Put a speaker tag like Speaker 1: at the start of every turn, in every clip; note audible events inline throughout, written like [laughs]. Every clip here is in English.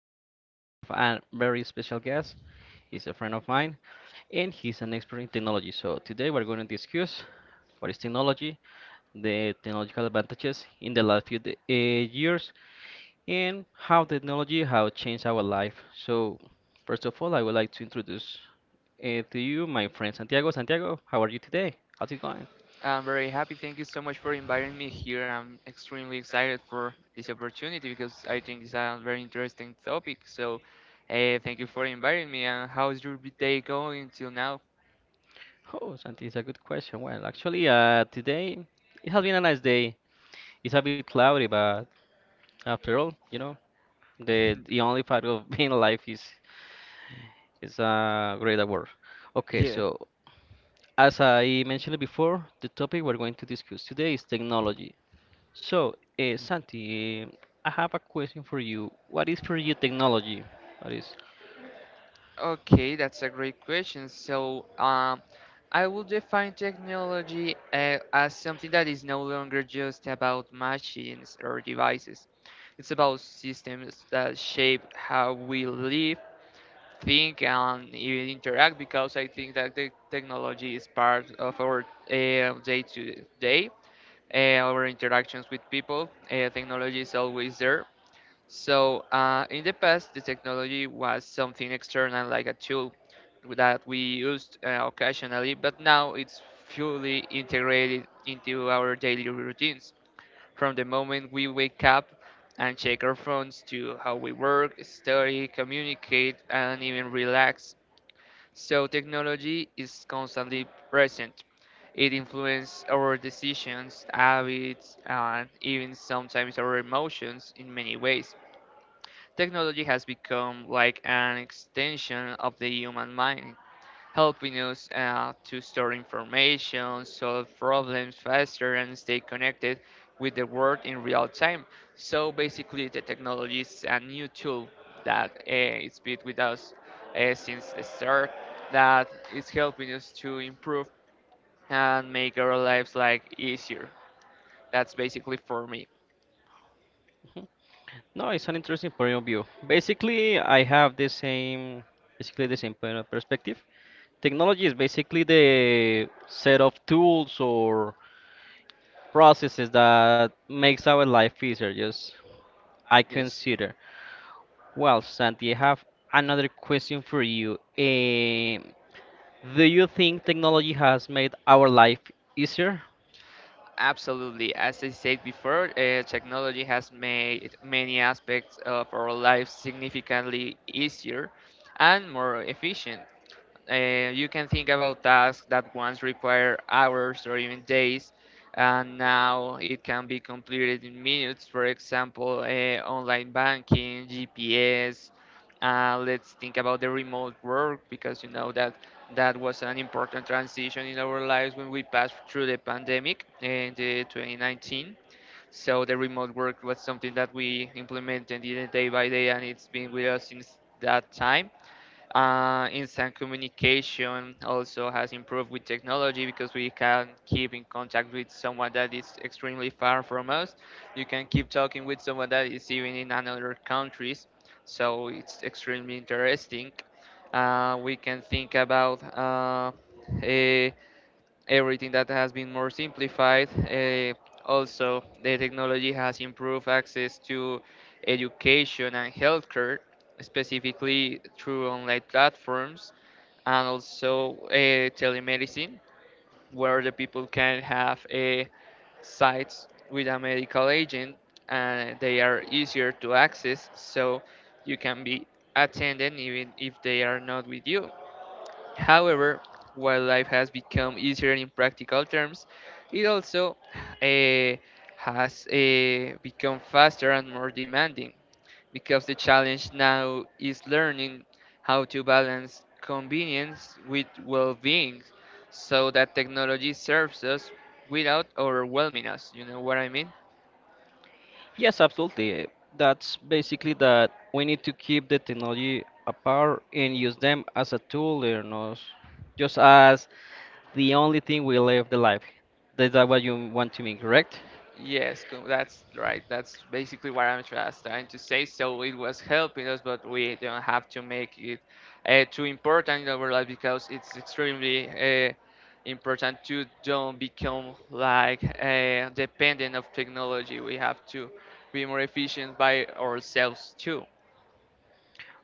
Speaker 1: now we have a very special guest. He's a friend of mine and he's an expert in technology. So today we're going to discuss what is technology, the technological advantages in the last few years, and how technology has changed our life. So, first of all, I would like to introduce to you my friend Santiago. Santiago, how are you today? How's it going?
Speaker 2: I'm very happy. Thank you so much for inviting me here. I'm extremely excited for this opportunity because I think it's a very interesting topic. So, thank you for inviting me. And how's your day going till now?
Speaker 1: Oh, Santi, it's a good question. Well, actually, today it has been a nice day. It's a bit cloudy, but after all, you know, the only part of [laughs] being alive is a great award. Okay,
Speaker 2: Yeah.
Speaker 1: so as I mentioned before, the topic we're going to discuss today is technology. So, Santi, I have a question for you. What is for you technology? What is?
Speaker 2: Okay, that's a great question. So, I would define technology as something that is no longer just about machines or devices. It's about systems that shape how we live, think and even interact because I think that the technology is part of our day to day, uh, our interactions with people. Technology is always there. So in the past, the technology was something external, like a tool that we used occasionally, but now it's fully integrated into our daily routines. From the moment we wake up and check our phones to how we work, study, communicate, and even relax. So technology is constantly present. It influences our decisions, habits, and even sometimes our emotions in many ways. Technology has become like an extension of the human mind helping us to store information, solve problems faster, and stay connected with the world in real time. So basically, the technology is a new tool that it's been with us since the start that is helping us to improve and make our lives like easier. That's basically for me.
Speaker 1: No, it's an interesting point of view. Basically, I have the same, basically the same point of perspective. Technology is basically the set of tools or processes that makes our life easier. Just I
Speaker 2: Yes.
Speaker 1: consider. Well, Santi, I have another question for you. Um, do you think technology has made our life easier?
Speaker 2: Absolutely. As I said before, technology has made many aspects of our lives significantly easier and more efficient. You can think about tasks that once require hours or even days, and now it can be completed in minutes. For example, online banking, GPS. Let's think about the remote work because you know that was an important transition in our lives when we passed through the pandemic in the 2019. So the remote work was something that we implemented in a day by day, and it's been with us since that time. Instant communication also has improved with technology because we can keep in contact with someone that is extremely far from us. You can keep talking with someone that is even in another countries, so it's extremely interesting. We can think about uh, everything that has been more simplified. Also, the technology has improved access to education and healthcare, specifically through online platforms and also telemedicine, where the people can have a sites with a medical agent and they are easier to access so you can be attended even if they are not with you. However, while life has become easier in practical terms, it also eh, has become faster and more demanding because the challenge now is learning how to balance convenience with well being so that technology serves us without overwhelming us. You know what I mean?
Speaker 1: Yes, absolutely. That's basically that we need to keep the technology apart and use them as a tool, you know, just as the only thing we live the life. Is that what you want to mean, correct?
Speaker 2: Yes, that's right. That's basically what I'm just trying to say. So it was helping us, but we don't have to make it too important in our life because it's extremely important to don't become like dependent of technology. We have to be more efficient by ourselves too.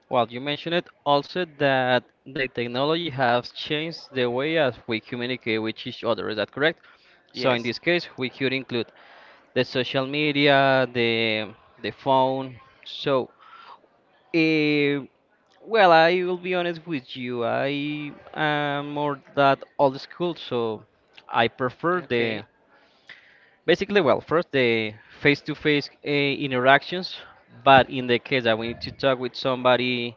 Speaker 1: Well, you mentioned it also that the technology has changed the way as we communicate with each other. Is that correct? So in
Speaker 2: Yes.
Speaker 1: this case, we could include the social media, the phone. So, eh, well, I will be honest with you. I am more that old school, so I prefer the
Speaker 2: Okay.
Speaker 1: basically, well, first the face-to-face interactions. But in the case that we need to talk with somebody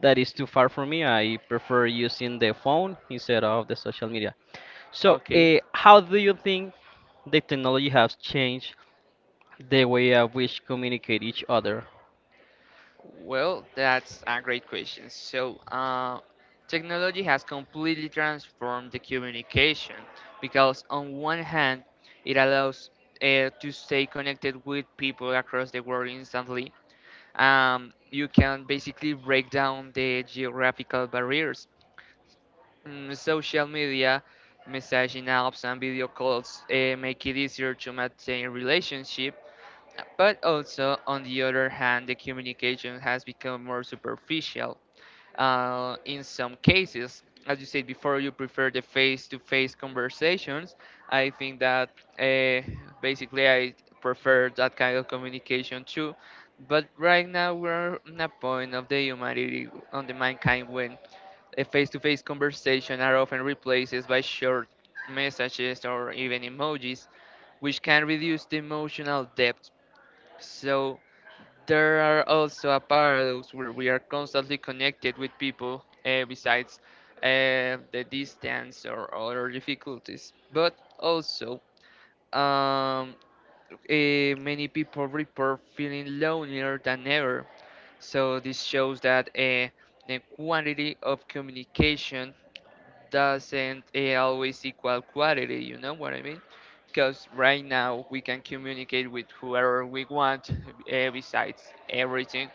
Speaker 1: that is too far from me, I prefer using the phone instead of the social media. So,
Speaker 2: Okay.
Speaker 1: how do you think the technology has changed the way at which communicate each other?
Speaker 2: Well, that's a great question. So, technology has completely transformed the communication because, on one hand, it allows to stay connected with people across the world instantly. You can basically break down the geographical barriers. Mm, social media, messaging apps, and video calls make it easier to maintain relationships but also, on the other hand, the communication has become more superficial. In some cases, as you said before, you prefer the face to face conversations. I think that uh, basically I prefer that kind of communication too. But right now, we're in a point of the humanity, on the mankind, when a face to face conversation are often replaced by short messages or even emojis, which can reduce the emotional depth. So, there are also a paradox where we are constantly connected with people besides the distance or other difficulties, but also um, many people report feeling lonelier than ever. So this shows that the quantity of communication doesn't always equal quality. You know what I mean? Because right now we can communicate with whoever we want, besides everything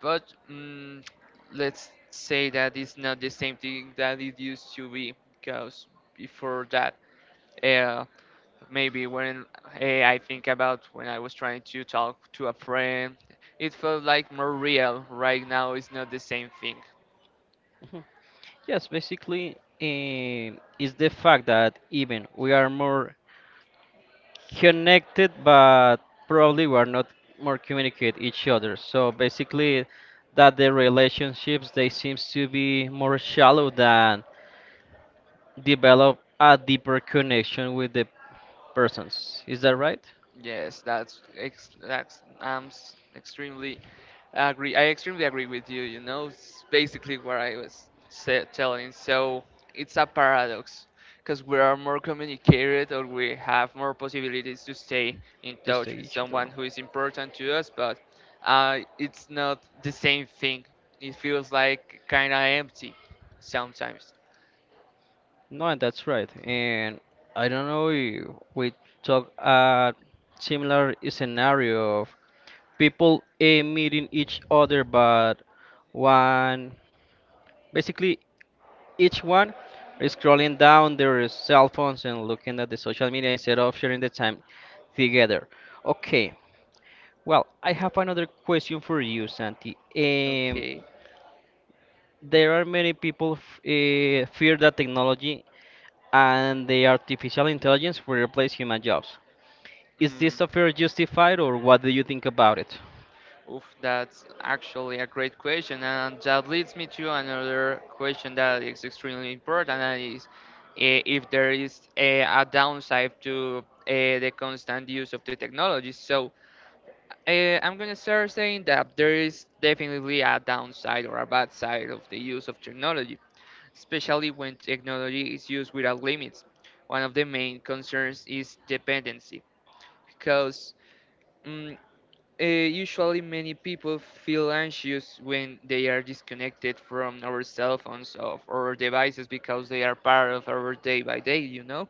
Speaker 2: but let's say that it's not the same thing that it used to be because before that uh, maybe when I think about when I was trying to talk to a friend it felt like more real right now it's not the same thing.
Speaker 1: Yes, basically, is the fact that even we are more connected, but probably we are not more communicate each other. So basically, that the relationships they seems to be more shallow than develop a deeper connection with the persons. Is that right?
Speaker 2: Yes, extremely. I agree. I extremely agree with you. You know, it's basically what I was sa telling. So it's a paradox because we are more communicated or we have more possibilities to stay in
Speaker 1: To stay
Speaker 2: touch with
Speaker 1: each other.
Speaker 2: someone who is important to us, but it's not the same thing. It feels like kind of empty sometimes.
Speaker 1: No, and that's right. And I don't know if we talk a similar scenario of people meeting each other, but one basically each one is scrolling down their cell phones and looking at the social media instead of sharing the time together. Okay, well, I have another question for you, Santi.
Speaker 2: Okay.
Speaker 1: There are many people fear that technology and the artificial intelligence will replace human jobs. Is
Speaker 2: Mm.
Speaker 1: this fear justified, or what do you think about it?
Speaker 2: Oof, that's actually a great question, and that leads me to another question that is extremely important, and is if there is a downside to the constant use of the technology. So I'm gonna start saying that there is definitely a downside or a bad side of the use of technology, especially when technology is used without limits. One of the main concerns is dependency, because mm, usually, many people feel anxious when they are disconnected from our cell phones or devices because they are part of our day by day, you know?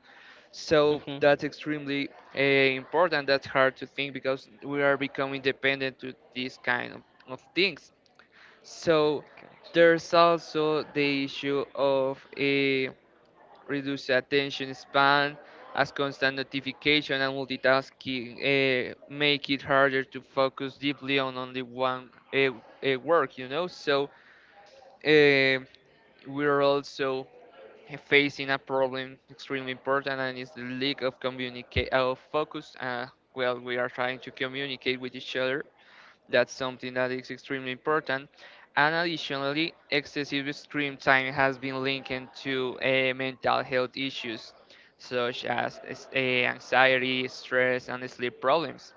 Speaker 2: So
Speaker 1: Mhm.
Speaker 2: that's extremely important. That's hard to think because we are becoming dependent to these kind of things. So there's also the issue of reduced attention span, as constant notification and multitasking make it harder to focus deeply on only one work, you know. So uh, we're also facing a problem extremely important, and it's the lack of communicate of focus. Well, we are trying to communicate with each other that's something that is extremely important. And additionally, excessive screen time has been linked to mental health issues such as anxiety, stress, and sleep problems.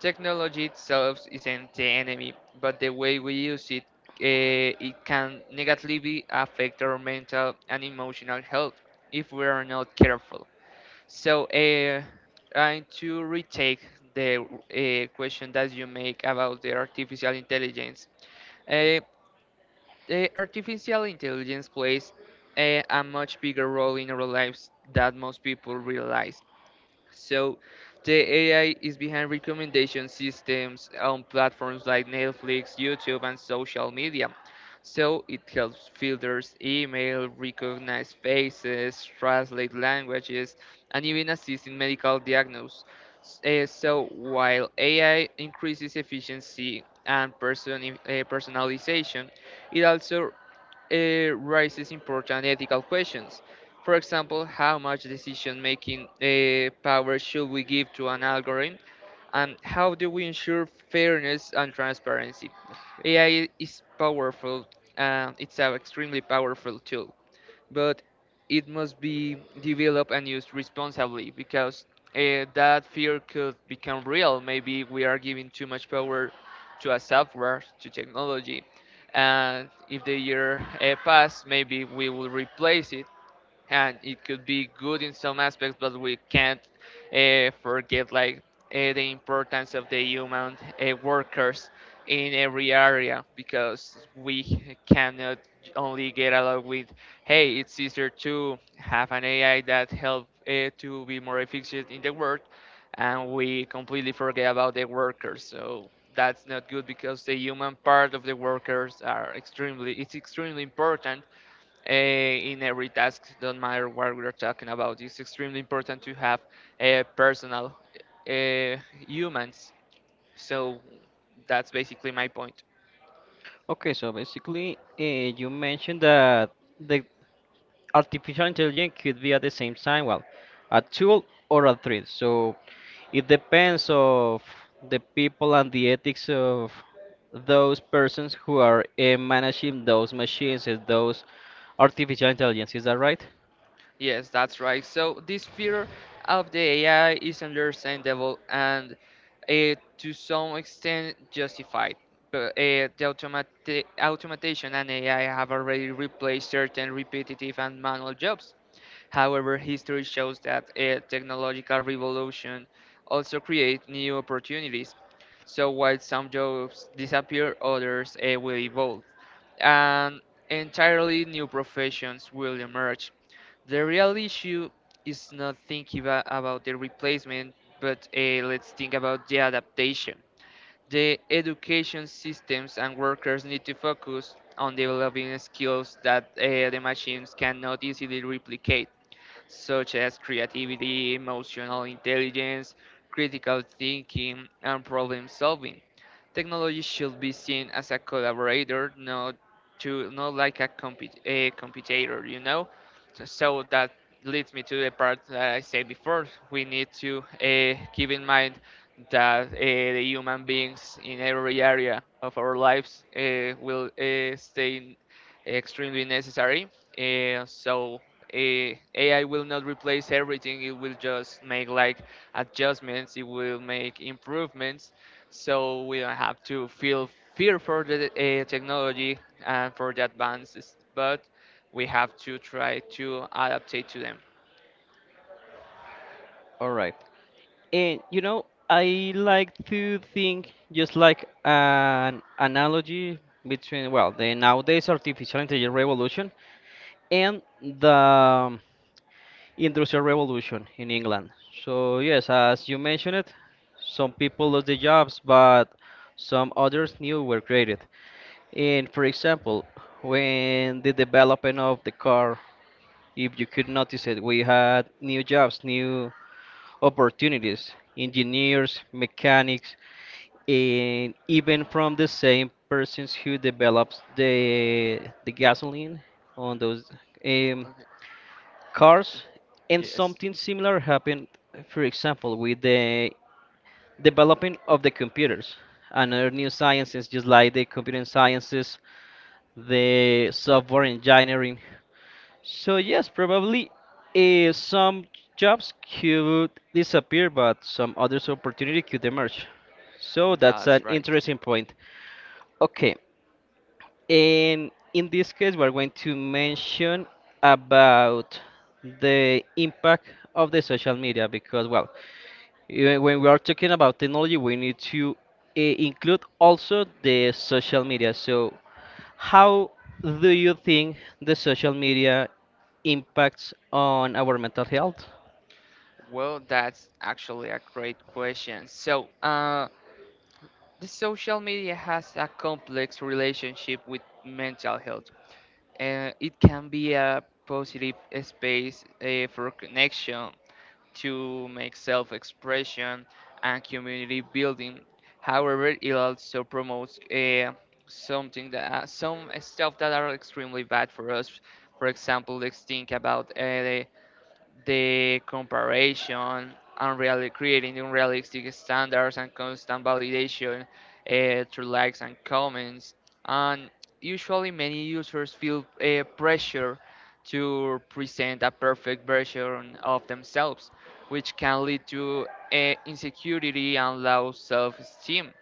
Speaker 2: Technology itself isn't the enemy, but the way we use it, it can negatively affect our mental and emotional health if we are not careful. So, and to retake the question that you make about uh, the artificial intelligence plays a much bigger role in our lives than most people realize. So, the AI is behind recommendation systems on platforms like Netflix, YouTube, and social media. So, it helps filters email, recognize faces, translate languages, and even assist in medical diagnosis. Eh, so, while AI increases efficiency and personalization, it also raises important ethical questions. For example, how much decision making power should we give to an algorithm, and how do we ensure fairness and transparency? AI is powerful, it's an extremely powerful tool but it must be developed and used responsibly because that fear could become real.
Speaker 1: Mechanics.
Speaker 2: Maybe we are giving too much power to a
Speaker 1: Investigation.
Speaker 2: software, to
Speaker 1: Technology
Speaker 2: technology,
Speaker 1: and
Speaker 2: and
Speaker 1: in
Speaker 2: if
Speaker 1: the
Speaker 2: the
Speaker 1: years
Speaker 2: year
Speaker 1: ahead,
Speaker 2: pass,
Speaker 1: it
Speaker 2: maybe we
Speaker 1: will
Speaker 2: will
Speaker 1: replace
Speaker 2: replace it and
Speaker 1: and
Speaker 2: it could be good
Speaker 1: ruin
Speaker 2: in
Speaker 1: so
Speaker 2: some
Speaker 1: many
Speaker 2: aspects, but we
Speaker 1: jobs
Speaker 2: can't
Speaker 1: and end
Speaker 2: forget like the importance
Speaker 1: up
Speaker 2: of
Speaker 1: the
Speaker 2: the
Speaker 1: human
Speaker 2: human
Speaker 1: workers
Speaker 2: workers in
Speaker 1: and
Speaker 2: every area because
Speaker 1: we
Speaker 2: we cannot only get along with hey it's easier to have
Speaker 1: and
Speaker 2: an
Speaker 1: the AI,
Speaker 2: ai that help to be more
Speaker 1: just
Speaker 2: efficient
Speaker 1: in
Speaker 2: in
Speaker 1: the
Speaker 2: the
Speaker 1: world.
Speaker 2: work and we completely forget about the
Speaker 1: So
Speaker 2: workers so
Speaker 1: that
Speaker 2: that's not
Speaker 1: will
Speaker 2: good because
Speaker 1: become
Speaker 2: the human part of the workers are extremely
Speaker 1: extremely,
Speaker 2: it's
Speaker 1: extremely
Speaker 2: extremely
Speaker 1: important
Speaker 2: important
Speaker 1: and
Speaker 2: in every task, don't matter what we're talking about.
Speaker 1: it's
Speaker 2: It's
Speaker 1: just
Speaker 2: extremely important to have personal humans. So that's basically my point.
Speaker 1: okay, so basically, you mentioned that the artificial intelligence could be at the same time, well, a tool or a threat. So it depends of the people and the ethics of those persons who are managing those machines and those artificial intelligence. Is that right?
Speaker 2: Yes, that's right. So this fear of the AI is understandable and uh, to some extent justified. But the automation and AI have already replaced certain repetitive and manual jobs. However, history shows that a technological revolution also creates new opportunities. So while some jobs disappear, others will evolve, and entirely new professions will emerge. The real issue is not thinking about the replacement, but let's think about the adaptation. The education systems and workers need to focus on developing skills that the machines cannot easily replicate such as creativity, emotional intelligence, critical thinking, and problem solving. Technology should be seen as a collaborator, not to not like a, a competitor, you know. So that leads me to the part that I said before. We need to keep in mind that the human beings in every area of our lives will stay extremely necessary. So, AI will not replace everything. It will just make like adjustments. It will make improvements, so we don't have to feel fear for the technology and for the advances. But we have to try to adapt it to them.
Speaker 1: All right. And you know, I like to think just like an analogy between well, the nowadays artificial intelligence revolution and the industrial revolution in England. So yes, as you mentioned it, some people lost their jobs, but some others new were created. And for example, when the development of the car, if you could notice it, we had new jobs, new opportunities, engineers, mechanics, and even from the same persons who develops the gasoline on those um,
Speaker 2: Okay.
Speaker 1: cars, and
Speaker 2: Yes.
Speaker 1: something similar happened, for example, with the developing of the computers and other new sciences just like the computer sciences, the software engineering. So yes, probably some jobs could disappear, but some others opportunity could emerge. So that's
Speaker 2: That's
Speaker 1: an
Speaker 2: right.
Speaker 1: interesting point. Okay, and in this case, we're going to mention about the impact of the social media because, well, when we are talking about technology, we need to include also the social media. So how do you think the social media impacts on our mental health?
Speaker 2: Well, that's actually a great question. So, the social media has a complex relationship with mental health. It can be a positive space for connection, to make self expression, and community building. However, it also promotes something that some stuff that are extremely bad for us. For example, let's think about the comparison, unreal creating unrealistic standards and constant validation through likes and comments. And usually, many users feel pressure to present a perfect version of themselves, which can lead to insecurity and low self-esteem.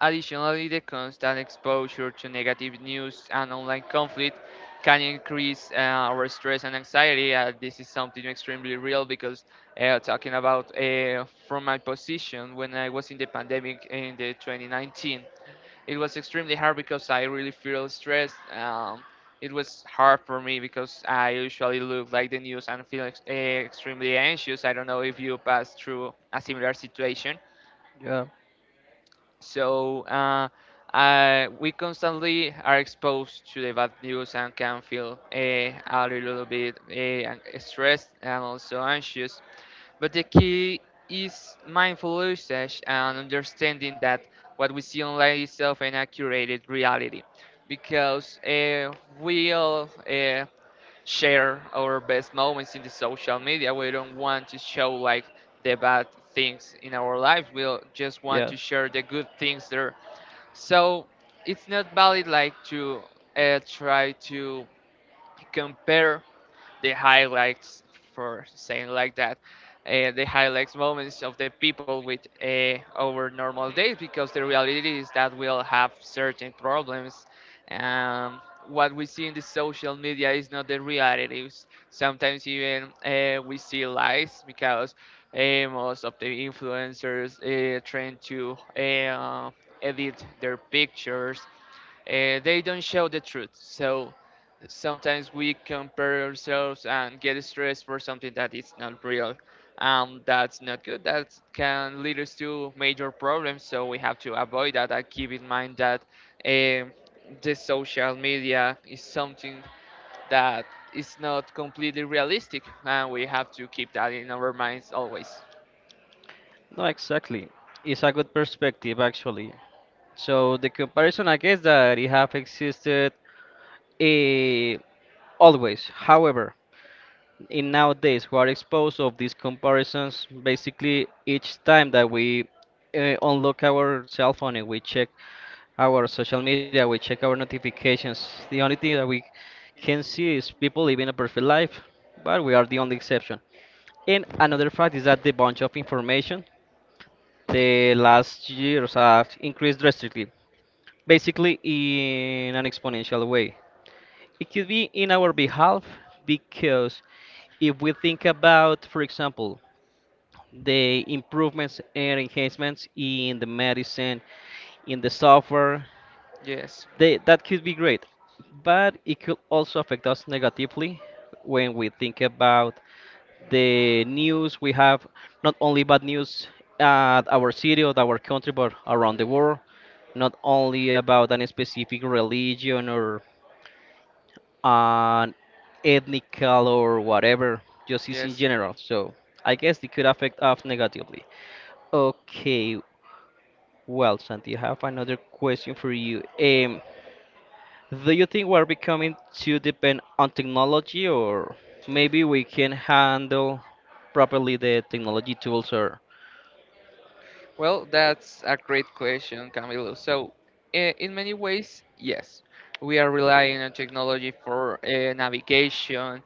Speaker 2: Additionally, the constant exposure to negative news and online conflict can increase our stress and anxiety. This is something extremely real because talking about from my position when I was in the pandemic in the 2019, it was extremely hard because I really feel stressed. It was hard for me because I usually look like the news and feel extremely anxious. I don't know if you pass through a similar situation.
Speaker 1: Yeah.
Speaker 2: So we constantly are exposed to the bad news and can feel a little bit stressed and also anxious. But the key is mindful usage and understanding that what we see online is often a curated reality because we all share our best moments in the social media. We don't want to show like the bad things in our lives. We will just want to
Speaker 1: Yes.
Speaker 2: share the good things there. So it's not valid like to try to compare the highlights for saying like that the highlights moments of the people with our normal days because the reality is that we'll have certain problems, um, what we see in the social media is not the realities sometimes even we see lies because most of the influencers trying to edit their pictures. They don't show the truth. So sometimes we compare ourselves and get stressed for something that is not real. That's not good. That can lead us to major problems. So we have to avoid that. And keep in mind that um the social media is something that is not completely realistic, and we have to keep that in our minds always.
Speaker 1: No, exactly. It's a good perspective, actually. So the comparison, I guess, that it have existed eh, always. However, in nowadays, we are exposed of these comparisons basically each time that we unlock our cell phone and we check our social media, we check our notifications. The only thing that we can see is people living a perfect life, but we are the only exception. And another fact is that the bunch of information the last years have increased drastically, basically in an exponential way. It could be in our behalf because if we think about, for example, the improvements and enhancements in the medicine, in the software,
Speaker 2: Yes,
Speaker 1: they, that could be great. But it could also affect us negatively when we think about the news. We have not only bad news at our city or our country, but around the world. Not only about any specific religion or an ethnical or whatever, just is in
Speaker 2: yes.
Speaker 1: general. So I guess it could affect us negatively. Okay, well, Santi, I have another question for you. Do you think we're becoming too dependent on technology, or maybe we can handle properly the technology tools, or
Speaker 2: Well, that's a great question, Camilo. So, in many ways, yes, we are relying on technology for navigation,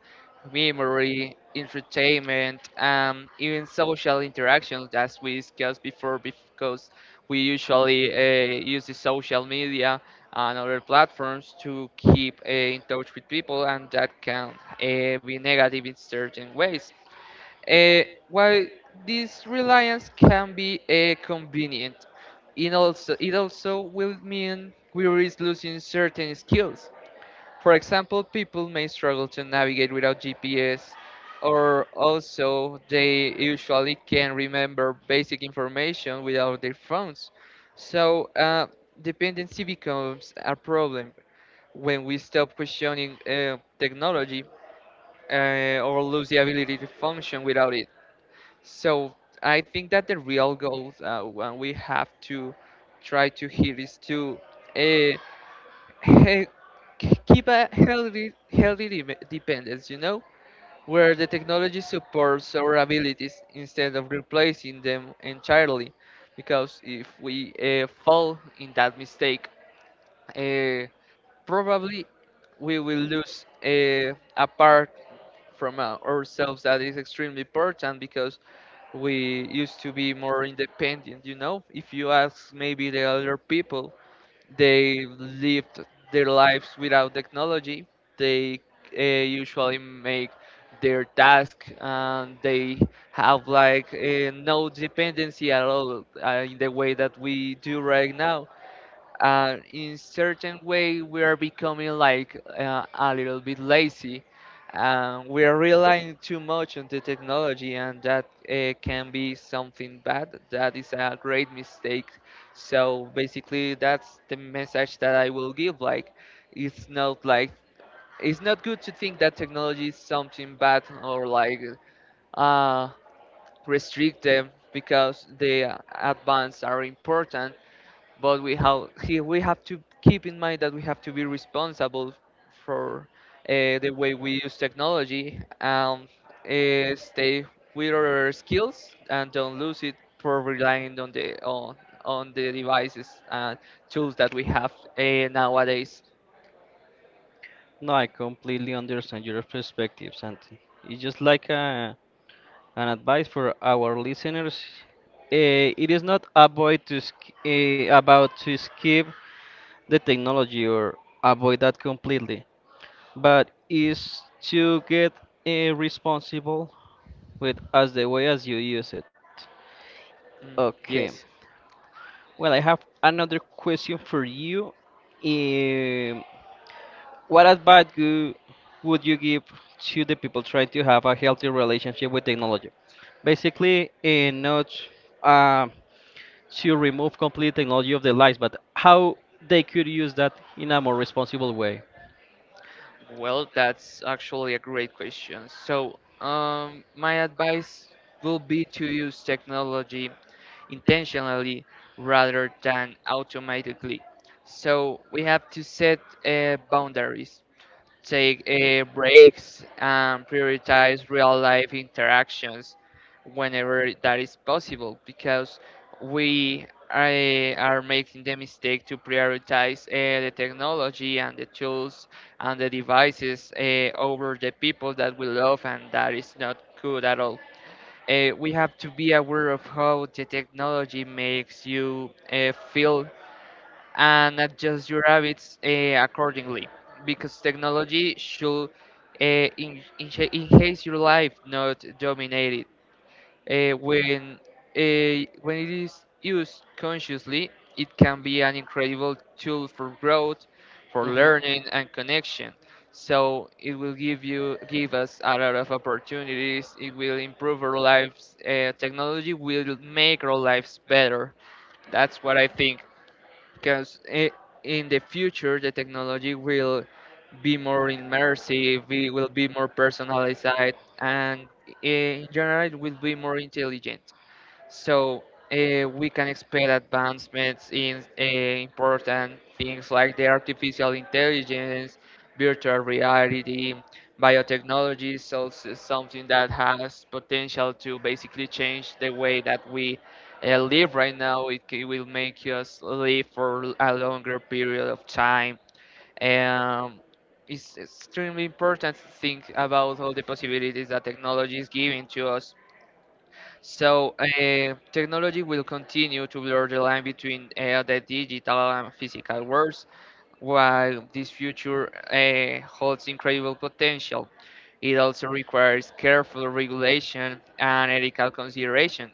Speaker 2: memory, entertainment, even social interactions, as we discussed before, because we usually use the social media and other platforms to keep in touch with people, and that can be negative in certain ways. Uh, while this reliance can be convenient, it also will mean we risk losing certain skills. For example, people may struggle to navigate without GPS, or also they usually can remember basic information without their phones. So, dependency becomes a problem when we stop questioning technology or lose the ability to function without it. So I think that the real goal when we have to try to hit is to uh, he- keep a healthy dependence. You know, where the technology supports our abilities instead of replacing them entirely. Because if we fall in that mistake, uh, probably we will lose a part from ourselves that is extremely important because we used to be more independent, you know, if you ask maybe the other people, they lived their lives without technology. They usually make their task and they have like no dependency at all in the way that we do right now, and in certain way we are becoming like a little bit lazy, and we are relying too much on the technology, and that can be something bad. That is a great mistake. So basically, that's the message that I will give, like, it's not like it's not good to think that technology is something bad or like uh, restrict them because the advances are important, but we have to keep in mind that we have to be responsible for the way we use technology, and stay with our skills and don't lose it for relying on on the devices and tools that we have nowadays.
Speaker 1: no, I completely understand your perspective, Santi. It's just like a, an advice for our listeners. It is not avoid to about to skip the technology or avoid that completely, but is to get responsible with as the way as you use it.
Speaker 2: Mm,
Speaker 1: Okay.
Speaker 2: yes,
Speaker 1: Well, I have another question for you. What advice would you give to the people trying to have a healthy relationship with technology? Basically, in not uh, to remove complete technology of their lives, but how they could use that in a more responsible way.
Speaker 2: well, that's actually a great question. So, my advice will be to use technology intentionally rather than automatically. So we have to set boundaries, take breaks, and prioritize real life interactions whenever that is possible because are making the mistake to prioritize the technology and the tools and the devices over the people that we love, and that is not good at all. We have to be aware of how the technology makes you feel and adjust your habits accordingly because technology should enhance your life, not dominate it. uh, when when it is used consciously, it can be an incredible tool for growth, for
Speaker 1: Hmm.
Speaker 2: learning and connection. So it will give us a lot of opportunities. It will improve our lives. Technology will make our lives better. That's what I think. Because in the future, the technology will be more immersive. It will be more personalized, and in general, it will be more intelligent. So we can expect advancements in important things like the artificial intelligence, virtual reality, biotechnology. So something that has potential to basically change the way that we live right now. It will make us live for a longer period of time. Um, it's extremely important to think about all the possibilities that technology is giving to us. So technology will continue to blur the line between the digital and physical worlds, while this future holds incredible potential. It also requires careful regulation and ethical consideration.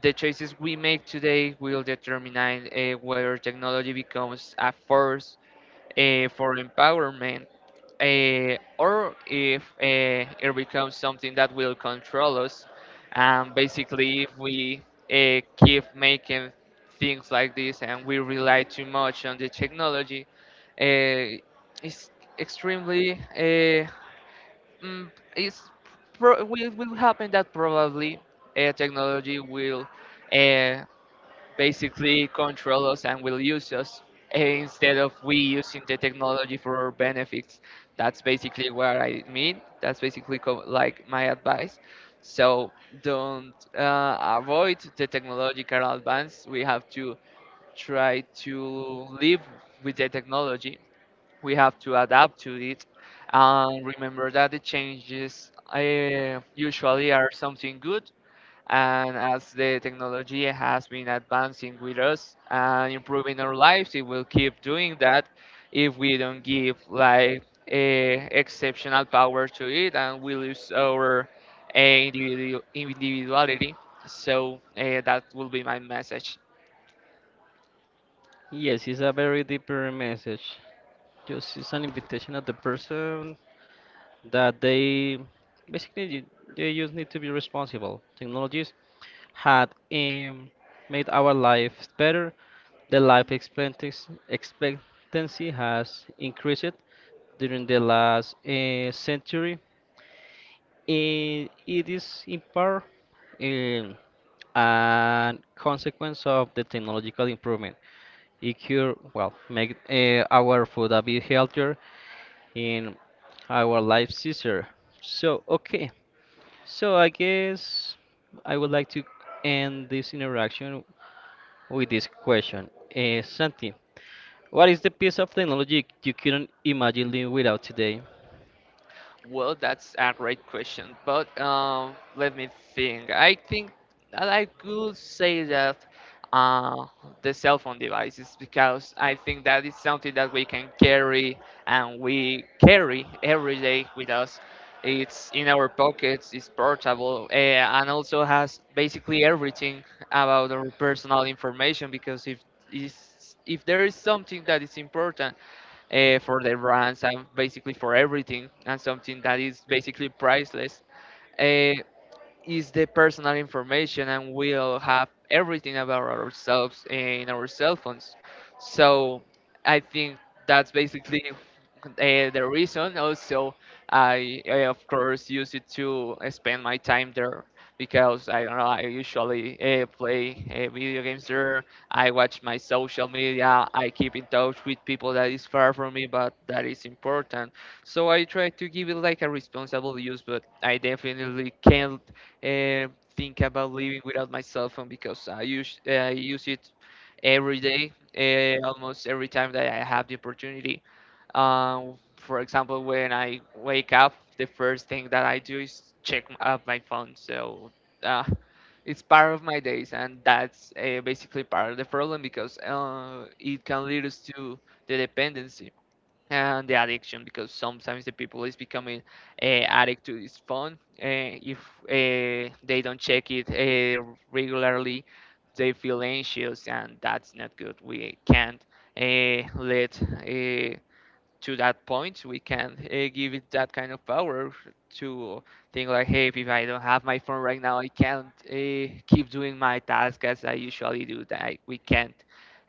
Speaker 2: The choices we make today will determine whether technology becomes a force for empowerment, or if it becomes something that will control us. And basically, if we keep making things like this and we rely too much on the technology, uh, it's extremely it's will happen that probably technology will uh, basically control us and will use us, instead of we using the technology for our benefits. That's basically what I mean. That's basically like my advice. So don't avoid the technological advance. We have to try to live with the technology. We have to adapt to it. And remember that the changes usually are something good, and as the technology has been advancing with us and improving our lives, it will keep doing that if we don't give like a exceptional power to it, and we lose our individuality. So that will be my message.
Speaker 1: Yes, it's a very deeper message. Just it's an invitation of the person that they basically they just need to be responsible. Technologies had made our lives better. The life expectancy has increased during the last century. It is in part um, a consequence of the technological improvement. It could well make our food a bit healthier in our life sister. So, okay. So I guess I would like to end this interaction with this question. Santi, what is the piece of technology you couldn't imagine living without today?
Speaker 2: Well, that's a great question, but let me think. I think that I could say that uh, the cell phone devices, because I think that is something that we can carry and we carry every day with us. It's in our pockets, it's portable, and also has basically everything about our personal information. Because if there is something that is important for the brands and basically for everything, and something that is basically priceless. Uh, is the personal information, and we'll have everything about ourselves in our cell phones. So I think that's basically uh, the reason also. I of course use it to spend my time there because I don't know, I usually play video games there. I watch my social media, I keep in touch with people that is far from me, but that is important. So I try to give it like a responsible use, but I definitely can't uh, think about living without my cell phone because I use it every day, almost every time that I have the opportunity. For example, when I wake up, the first thing that I do is up my phone. So uh, it's part of my days, and that's basically part of the problem because it can lead us to the dependency and the addiction because sometimes the people is becoming addict to this phone. uh, if they don't check it regularly, they feel anxious, and that's not good. We can't let uh, to that point, we can give it that kind of power to think like, hey, if I don't have my phone right now, I can't keep doing my task as I usually do. We can't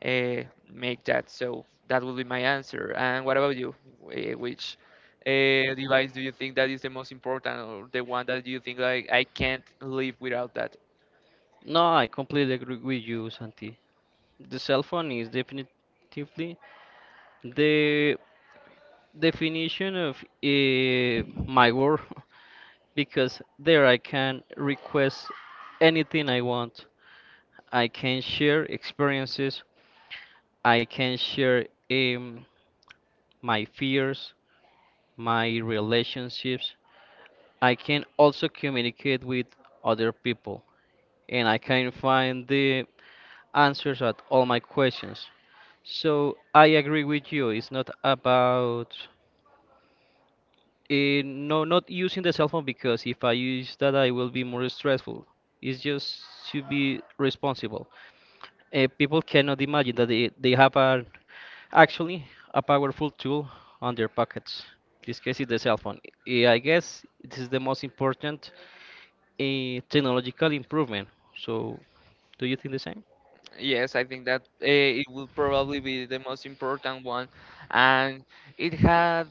Speaker 2: uh, make that. So that would be my answer. And what about you? Which device do you think that is the most important, or the one that you think like I can't live without that?
Speaker 1: No, I completely agree with you, Santi. The cell phone is definitively the definition of uh, my world [laughs] because there I can request anything I want. I can share experiences. I can share um, my fears, my relationships. I can also communicate with other people, and I can find the answers at all my questions. So I agree with you. It's not about no not using the cell phone because if I use that I will be more stressful. It's just to be responsible. People cannot imagine that they have a, actually, a powerful tool on their pockets. This case is the cell phone. I guess this is the most important technological improvement. So do you think the same?
Speaker 2: Yes, I think that it will probably be the most important one, and it had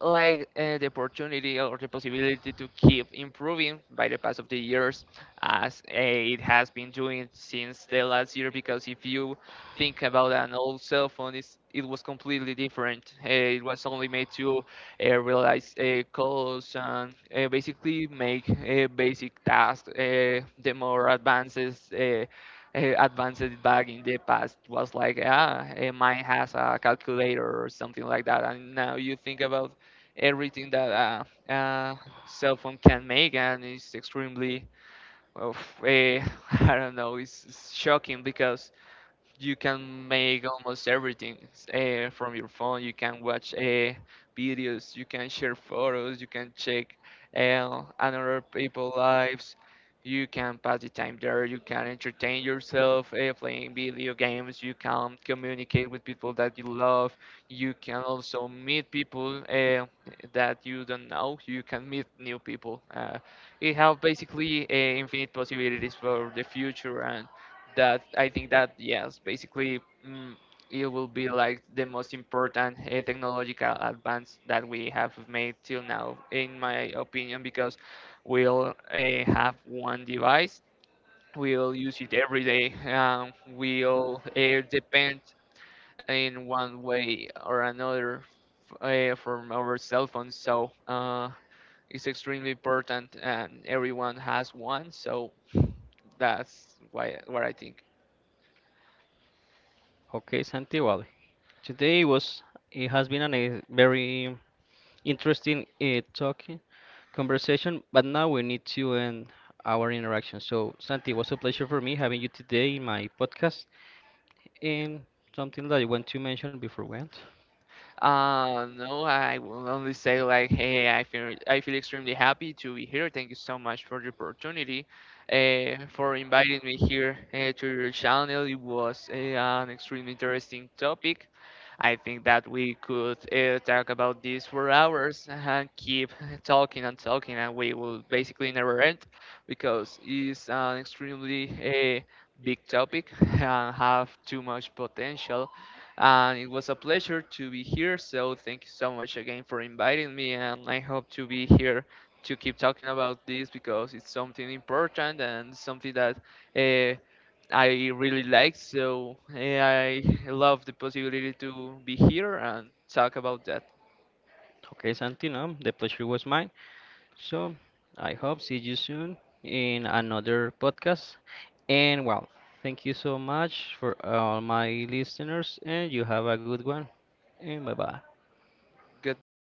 Speaker 2: like the opportunity or the possibility to keep improving by the pass of the years, as it has been doing since the last year. Because if you think about an old cell phone, it was completely different. It was only made to realize calls and basically make basic tasks. The more advances. Advanced it back in the past was like, ah, mine has a calculator or something like that. And now you think about everything that cell phone can make, and it's extremely, well, [laughs] I don't know, it's shocking because you can make almost everything from your phone. You can watch videos, you can share photos, you can check another people's lives. You can pass the time there. You can entertain yourself playing video games. You can communicate with people that you love. You can also meet people that you don't know. You can meet new people. It have basically infinite possibilities for the future that I think that yes, basically mm, it will be like the most important technological advance that we have made till now, in my opinion, because we'll have one device, we'll use it every day, we'll depend in one way or another from our cell phones. So it's extremely important, and everyone has one. So that's why what I think.
Speaker 1: Okay, Santi. Well, today was it has been a very interesting talking conversation, but now we need to end our interaction. So, Santi, it was a pleasure for me having you today in my podcast. And something that I want to mention before we end.
Speaker 2: No, I will only say like, hey, I feel extremely happy to be here. Thank you so much for the opportunity, for inviting me here to your channel. It was an extremely interesting topic. I think that we could talk about this for hours and keep [laughs] talking and talking, and we will basically never end because it's an extremely big topic [laughs] and have too much potential, and it was a pleasure to be here. So thank you so much again for inviting me. And I hope to be here to keep talking about this because it's something important and something that uh, I really like. So I love the possibility to be here and talk about that.
Speaker 1: Okay, Santi, no, the pleasure was mine. So I hope see you soon in another podcast. And well, thank you so much for all my listeners, and you have a good one. And bye bye.
Speaker 2: Goodbye.